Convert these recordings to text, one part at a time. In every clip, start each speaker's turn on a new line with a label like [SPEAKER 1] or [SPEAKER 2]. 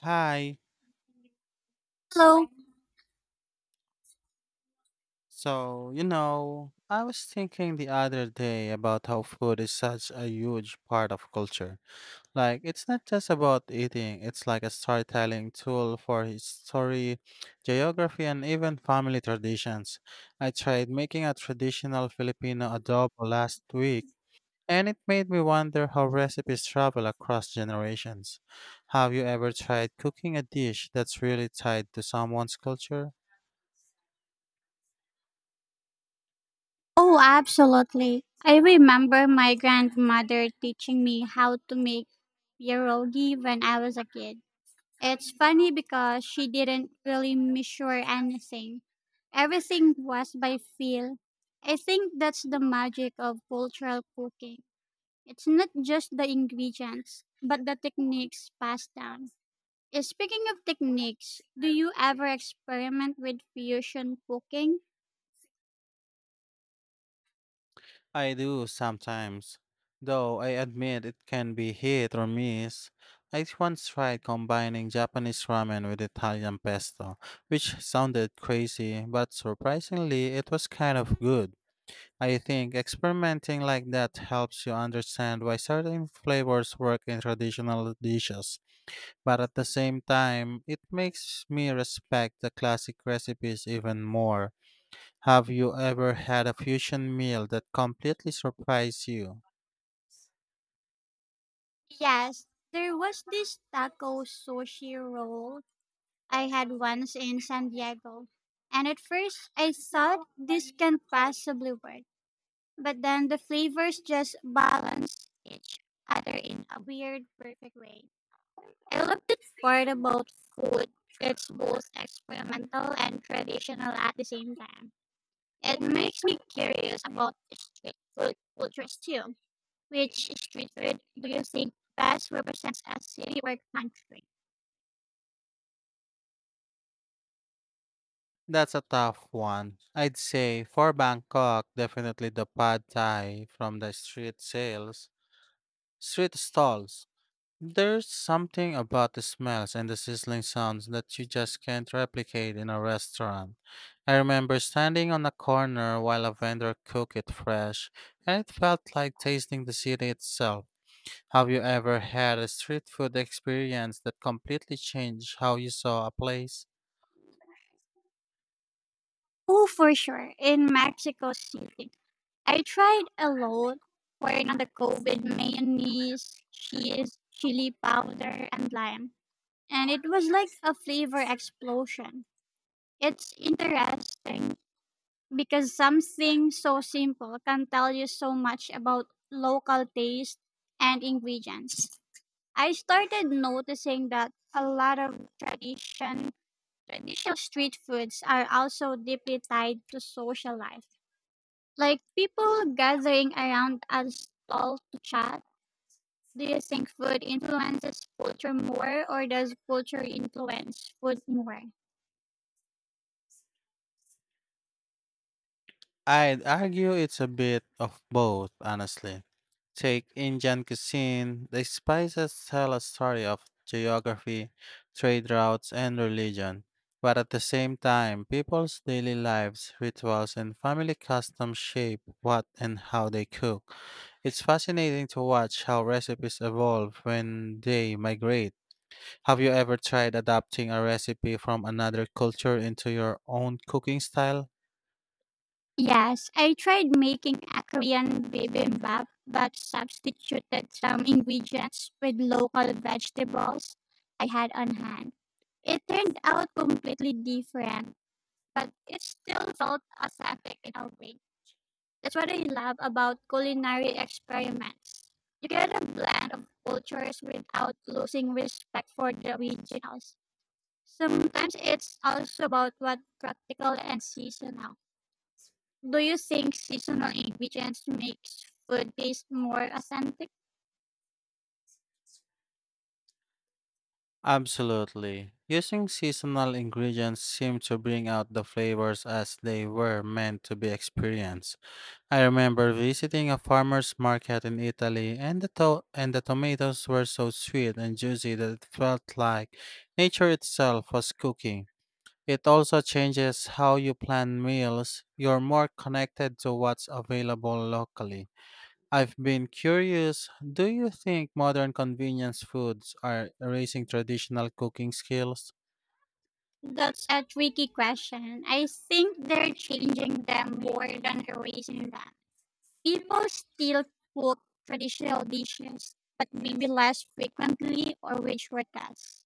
[SPEAKER 1] Hi.
[SPEAKER 2] Hello.
[SPEAKER 1] So, you know, I was thinking the other day about how food is such a huge part of culture. Like, it's not just about eating, it's like a storytelling tool for history, geography, and even family traditions. I tried making a traditional Filipino adobo last week, and it made me wonder how recipes travel across generations. Have you ever tried cooking a dish that's really tied to someone's culture?
[SPEAKER 2] Oh, absolutely. I remember my grandmother teaching me how to make pierogi when I was a kid. It's funny because she didn't really measure anything. Everything was by feel. I think that's the magic of cultural cooking. It's not just the ingredients, but the techniques passed down. Speaking of techniques, do you ever experiment with fusion cooking?
[SPEAKER 1] I do sometimes, though I admit it can be hit or miss. I once tried combining Japanese ramen with Italian pesto, which sounded crazy, but surprisingly, it was kind of good. I think experimenting like that helps you understand why certain flavors work in traditional dishes, but at the same time, it makes me respect the classic recipes even more. Have you ever had a fusion meal that completely surprised you?
[SPEAKER 2] Yes, there was this taco sushi roll I had once in San Diego. And at first I thought this can possibly work. But then the flavors just balanced each other in a weird, perfect way. I love the part about food that's both experimental and traditional at the same time. It makes me curious about street food cultures too. Which street food do you think best represents a city or country?
[SPEAKER 1] That's a tough one. I'd say for Bangkok, definitely the pad thai from the street stalls. There's something about the smells and the sizzling sounds that you just can't replicate in a restaurant. I remember standing on a corner while a vendor cooked it fresh, and it felt like tasting the city itself. Have you ever had a street food experience that completely changed how you saw a place?
[SPEAKER 2] Oh, for sure. In Mexico City, I tried a lot corn on the cob mayonnaise, cheese, chili powder, and lime. And it was like a flavor explosion. It's interesting because something so simple can tell you so much about local taste and ingredients. I started noticing that a lot of Traditional street foods are also deeply tied to social life, like people gathering around a stall to chat. Do you think food influences culture more, or does culture influence food more?
[SPEAKER 1] I'd argue it's a bit of both, honestly. Take Indian cuisine, the spices tell a story of geography, trade routes, and religion. But at the same time, people's daily lives, rituals, and family customs shape what and how they cook. It's fascinating to watch how recipes evolve when they migrate. Have you ever tried adapting a recipe from another culture into your own cooking style?
[SPEAKER 2] Yes, I tried making a Korean bibimbap, but substituted some ingredients with local vegetables I had on hand. It turned out completely different, but it still felt authentic in a way. That's what I love about culinary experiments. You get a blend of cultures without losing respect for the originals. Sometimes it's also about what practical and seasonal. Do you think seasonal ingredients makes food taste more authentic?
[SPEAKER 1] Absolutely. Using seasonal ingredients seemed to bring out the flavors as they were meant to be experienced. I remember visiting a farmer's market in Italy and and the tomatoes were so sweet and juicy that it felt like nature itself was cooking. It also changes how you plan meals. You're more connected to what's available locally. I've been curious, do you think modern convenience foods are erasing traditional cooking skills?
[SPEAKER 2] That's a tricky question. I think they're changing them more than erasing them. People still cook traditional dishes, but maybe less frequently or with shortcuts.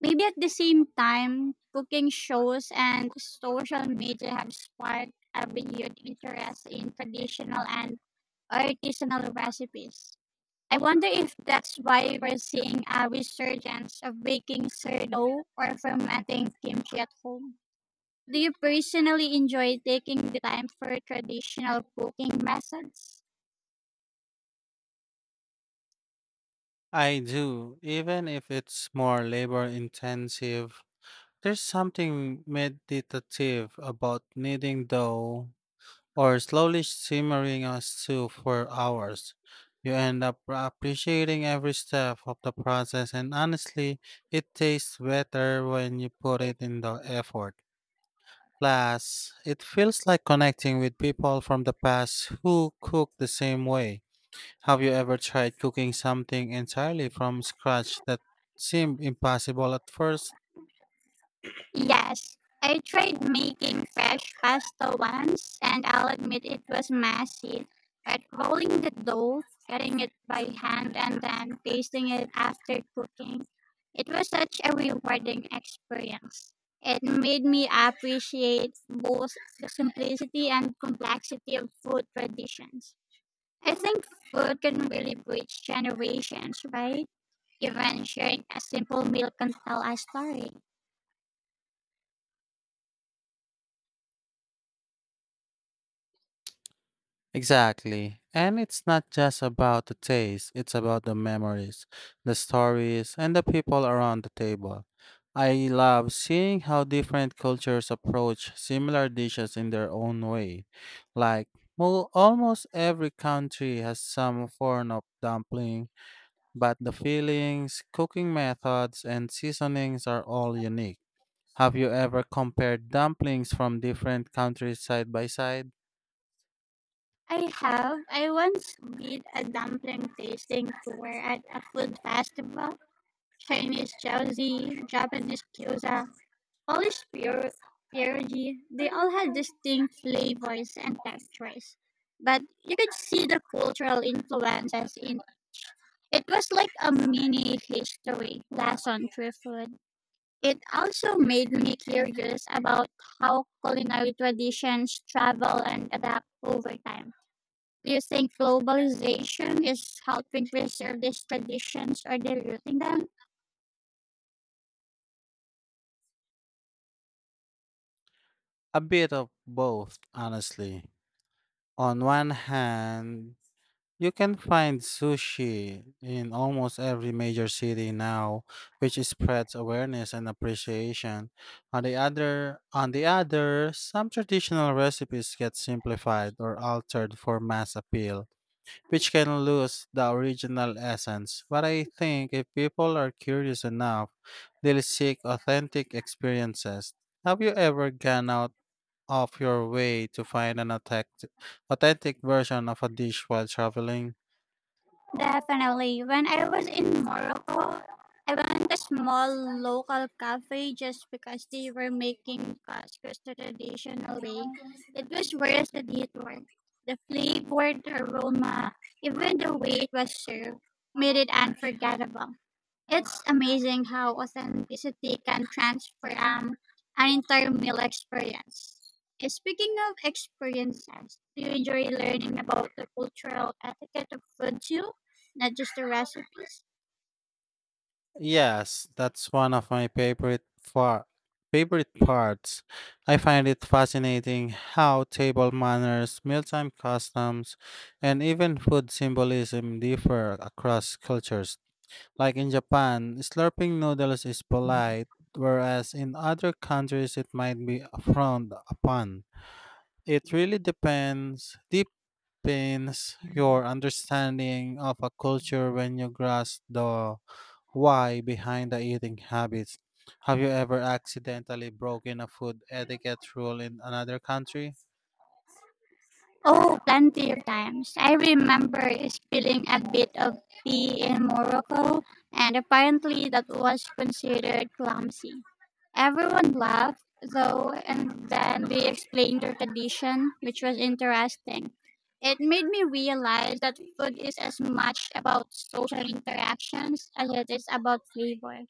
[SPEAKER 2] Maybe at the same time, cooking shows and social media have sparked a renewed interest in traditional and artisanal recipes. I wonder if that's why we're seeing a resurgence of baking sourdough or fermenting kimchi at home. Do you personally enjoy taking the time for traditional cooking methods?
[SPEAKER 1] I do, even if it's more labor intensive. There's something meditative about kneading dough or slowly simmering a stew for hours. You end up appreciating every step of the process, and honestly, it tastes better when you put it in the effort. Plus, it feels like connecting with people from the past who cook the same way. Have you ever tried cooking something entirely from scratch that seemed impossible at first?
[SPEAKER 2] Yes, I tried making fresh pasta once, and I'll admit it was messy. But rolling the dough, cutting it by hand, and then pasting it after cooking, it was such a rewarding experience. It made me appreciate both the simplicity and complexity of food traditions. I think food can really bridge generations, right? Even sharing a simple meal can tell a story.
[SPEAKER 1] Exactly. And it's not just about the taste, it's about the memories, the stories, and the people around the table. I love seeing how different cultures approach similar dishes in their own way. Like, well, almost every country has some form of dumpling, but the fillings, cooking methods, and seasonings are all unique. Have you ever compared dumplings from different countries side by side?
[SPEAKER 2] I have. I once beat a dumpling tasting tour at a food festival. Chinese jiaozi, Japanese gyoza, Polish pier- pierogi. They all had distinct flavors and textures. But you could see the cultural influences in it was like a mini history lesson through food. It also made me curious about how culinary traditions travel and adapt over time. Do you think globalization is helping preserve these traditions or diluting them?
[SPEAKER 1] A bit of both, honestly. On one hand, you can find sushi in almost every major city now, which spreads awareness and appreciation. On the other, some traditional recipes get simplified or altered for mass appeal, which can lose the original essence. But I think if people are curious enough, they'll seek authentic experiences. Have you ever gone out of your way to find an authentic version of a dish while traveling?
[SPEAKER 2] Definitely. When I was in Morocco, I went to a small local cafe just because they were making couscous the traditional way. It was worth the detour. The flavor, the aroma, even the way it was served made it unforgettable. It's amazing how authenticity can transform an entire meal experience. Speaking of experiences, do you enjoy learning about the cultural etiquette of food too, not just the recipes?
[SPEAKER 1] Yes, that's one of my favorite parts. I find it fascinating how table manners, mealtime customs, and even food symbolism differ across cultures. Like in Japan, slurping noodles is polite, whereas in other countries it might be frowned upon. It really depends deepens your understanding of a culture when you grasp the why behind the eating habits. Have you ever accidentally broken a food etiquette rule in another country?
[SPEAKER 2] Oh, plenty of times. I remember spilling a bit of tea in Morocco, and apparently that was considered clumsy. Everyone laughed, though, and then we explained the tradition, which was interesting. It made me realize that food is as much about social interactions as it is about flavor.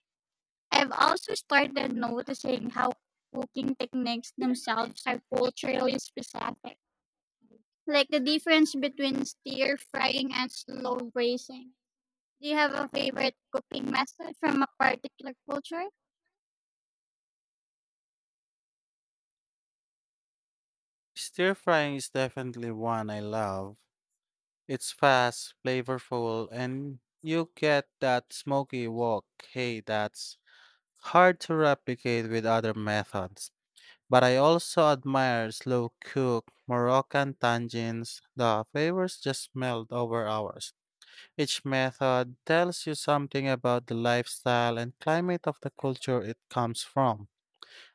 [SPEAKER 2] I've also started noticing how cooking techniques themselves are culturally specific like the difference between stir frying and slow braising. Do you have a favorite cooking method from a particular culture?
[SPEAKER 1] Stir frying is definitely one I love. It's fast, flavorful, and you get that smoky wok. Hey, that's hard to replicate with other methods. But I also admire slow cooked Moroccan tangines. The flavors just melt over hours. Each method tells you something about the lifestyle and climate of the culture it comes from.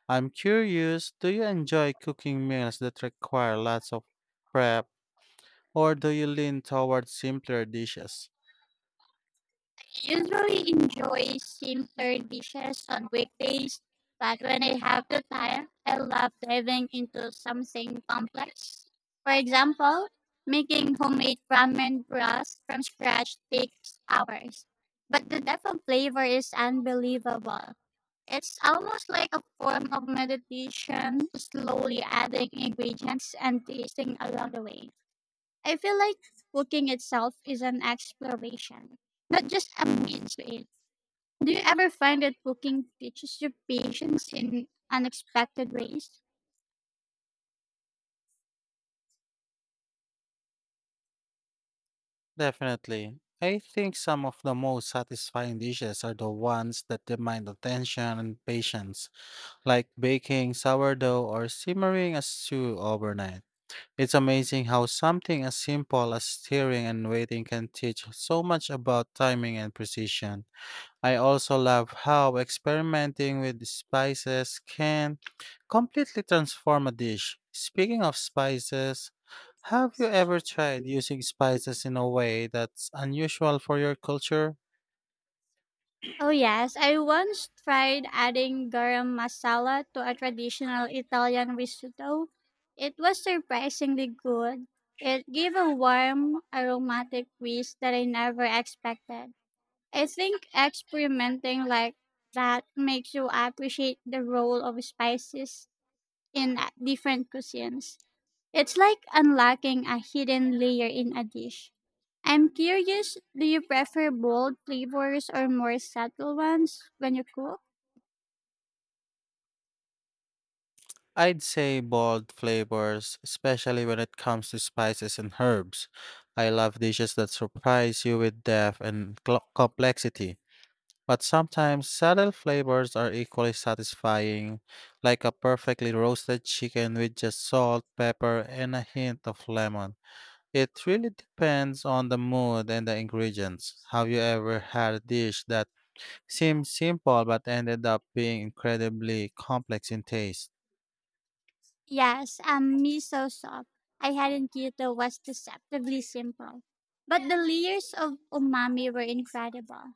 [SPEAKER 1] I'm curious, do you enjoy cooking meals that require lots of prep, or do you lean toward simpler dishes?
[SPEAKER 2] I usually enjoy simpler dishes on weekdays, but when I have the time, I love diving into something complex. For example, making homemade ramen broth from scratch takes hours, but the depth of flavor is unbelievable. It's almost like a form of meditation, slowly adding ingredients and tasting along the way. I feel like cooking itself is an exploration, not just a means to it. Do you ever find that cooking teaches you patience in unexpected ways?
[SPEAKER 1] Definitely. I think some of the most satisfying dishes are the ones that demand attention and patience. Like baking sourdough or simmering a stew overnight. It's amazing how something as simple as stirring and waiting can teach so much about timing and precision. I also love how experimenting with spices can completely transform a dish. Speaking of spices, have you ever tried using spices in a way that's unusual for your culture?
[SPEAKER 2] Oh yes, I once tried adding garam masala to a traditional Italian risotto. It was surprisingly good. It gave a warm, aromatic twist that I never expected. I think experimenting like that makes you appreciate the role of spices in different cuisines. It's like unlocking a hidden layer in a dish. I'm curious, do you prefer bold flavors or more subtle ones when you cook?
[SPEAKER 1] I'd say bold flavors, especially when it comes to spices and herbs. I love dishes that surprise you with depth and complexity. But sometimes subtle flavors are equally satisfying, like a perfectly roasted chicken with just salt, pepper, and a hint of lemon. It really depends on the mood and the ingredients. Have you ever had a dish that seemed simple but ended up being incredibly complex in taste?
[SPEAKER 2] Yes, miso soup. I had in Kyoto was deceptively simple, but the layers of umami were incredible.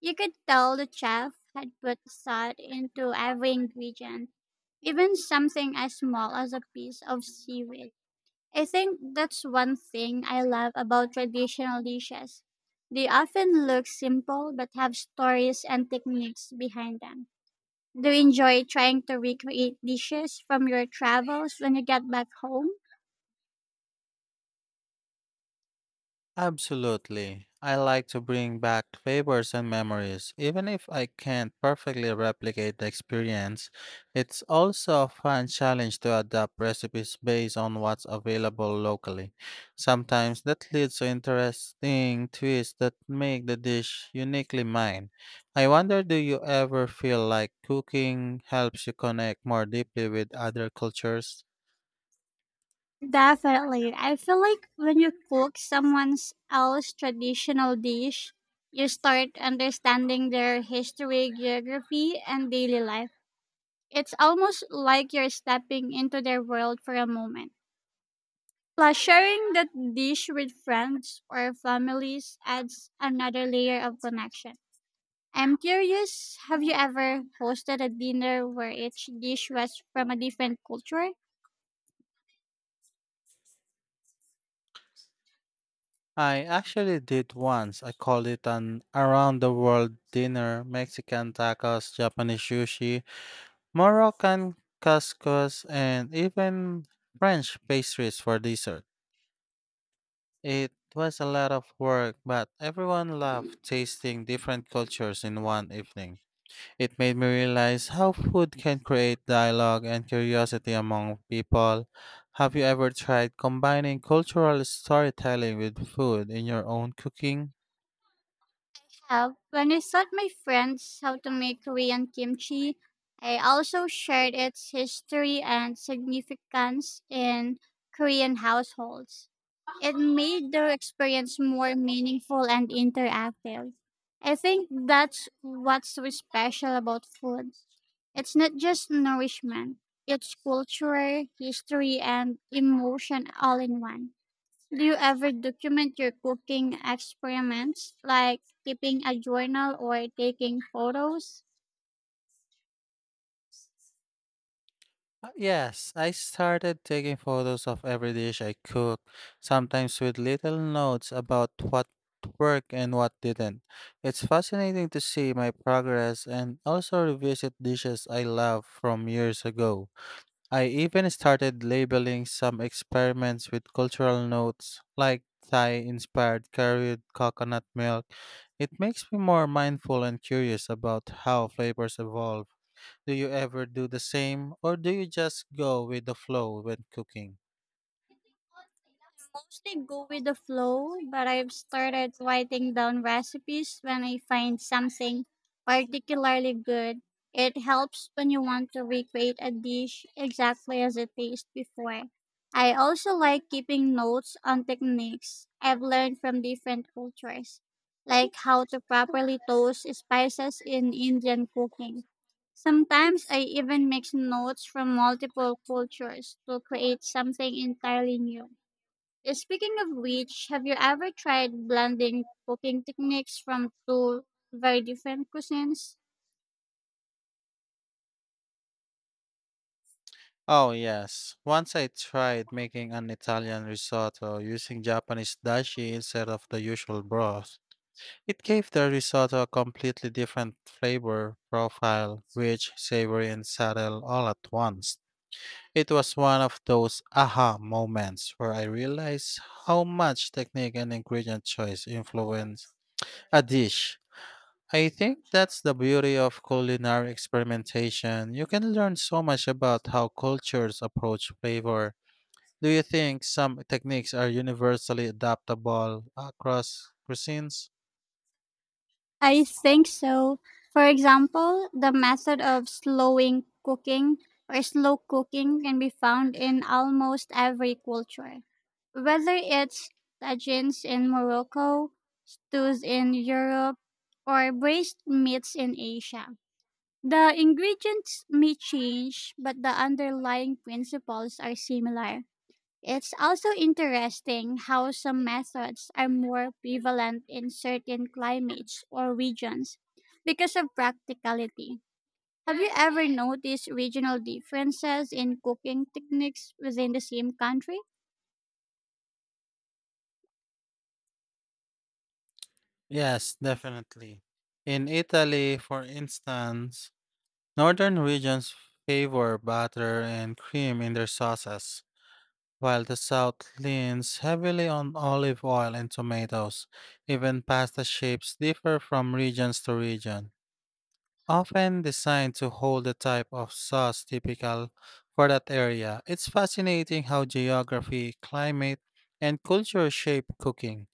[SPEAKER 2] You could tell the chef had put thought into every ingredient, even something as small as a piece of seaweed. I think that's one thing I love about traditional dishes. They often look simple but have stories and techniques behind them. Do you enjoy trying to recreate dishes from your travels when you get back home?
[SPEAKER 1] Absolutely. I like to bring back flavors and memories. Even if I can't perfectly replicate the experience, it's also a fun challenge to adapt recipes based on what's available locally. Sometimes that leads to interesting twists that make the dish uniquely mine. I wonder, do you ever feel like cooking helps you connect more deeply with other cultures?
[SPEAKER 2] Definitely. I feel like when you cook someone else's traditional dish, you start understanding their history, geography, and daily life. It's almost like you're stepping into their world for a moment. Plus, sharing that dish with friends or families adds another layer of connection. I'm curious, have you ever hosted a dinner where each dish was from a different culture?
[SPEAKER 1] I actually did once. I called it an around the world dinner. Mexican tacos, Japanese sushi, Moroccan couscous, and even French pastries for dessert. It was a lot of work, but everyone loved tasting different cultures in one evening. It made me realize how food can create dialogue and curiosity among people. Have you ever tried combining cultural storytelling with food in your own cooking?
[SPEAKER 2] Have when I taught my friends how to make Korean kimchi, I also shared its history and significance in Korean households. It made the experience more meaningful and interactive. I think that's what's so special about food. It's not just nourishment, it's culture, history, and emotion all in one. Do you ever document your cooking experiments, like keeping a journal or taking photos?
[SPEAKER 1] Yes I started taking photos of every dish I cook, sometimes with little notes about what worked and what didn't. It's fascinating to see my progress and also revisit dishes I love from years ago. I even started labeling some experiments with cultural notes like Thai inspired curry with coconut milk. It makes me more mindful and curious about how flavors evolve. Do you ever do the same, or do you just go with the flow when cooking?
[SPEAKER 2] Mostly go with the flow, but I've started writing down recipes when I find something particularly good. It helps when you want to recreate a dish exactly as it tastes before. I also like keeping notes on techniques I've learned from different cultures, like how to properly toast spices in Indian cooking. Sometimes I even mix notes from multiple cultures to create something entirely new. Speaking of which, have you ever tried blending cooking techniques from two very different cuisines?
[SPEAKER 1] Oh, yes. Once I tried making an Italian risotto using Japanese dashi instead of the usual broth. It gave the risotto a completely different flavor profile, rich, savory, and subtle all at once. It was one of those aha moments where I realized how much technique and ingredient choice influence a dish. I think that's the beauty of culinary experimentation. You can learn so much about how cultures approach flavor. Do you think some techniques are universally adaptable across cuisines?
[SPEAKER 2] I think so. For example, the method of slow cooking can be found in almost every culture. Whether it's tagines in Morocco, stews in Europe, or braised meats in Asia. The ingredients may change, but the underlying principles are similar. It's also interesting how some methods are more prevalent in certain climates or regions because of practicality. Have you ever noticed regional differences in cooking techniques within the same country?
[SPEAKER 1] Yes, definitely. In Italy, for instance, northern regions favor butter and cream in their sauces, while the south leans heavily on olive oil and tomatoes. Even pasta shapes differ from regions to region, often designed to hold the type of sauce typical for that area. It's fascinating how geography, climate, and culture shape cooking.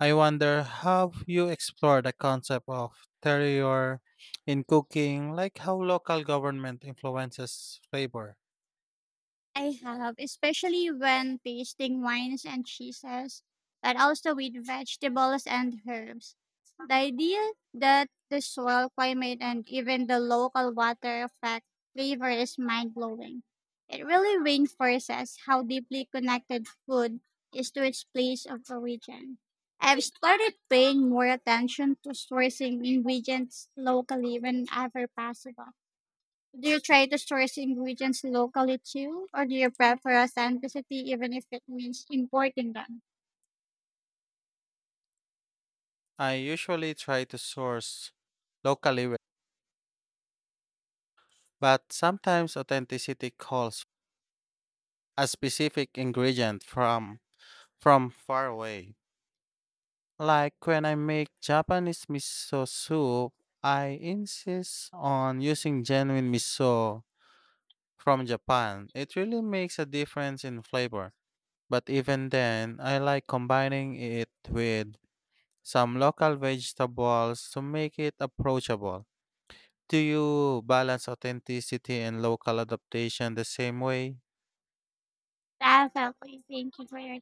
[SPEAKER 1] I wonder, have you explored the concept of terroir in cooking, like how local government influences flavor?
[SPEAKER 2] I have, especially when tasting wines and cheeses, but also with vegetables and herbs. The idea that the soil, climate, and even the local water affect flavor is mind blowing. It really reinforces how deeply connected food is to its place of origin. I've started paying more attention to sourcing ingredients locally whenever possible do you try to source ingredients locally too, or do you prefer authenticity even if it means importing them?
[SPEAKER 1] I usually try to source locally, but sometimes authenticity calls a specific ingredient from far away. Like when I make Japanese miso soup, I insist on using genuine miso from Japan. It really makes a difference in flavor. But even then, I like combining it with some local vegetables to make it approachable. Do you balance authenticity and local adaptation the same way?
[SPEAKER 2] Definitely. Thank you for your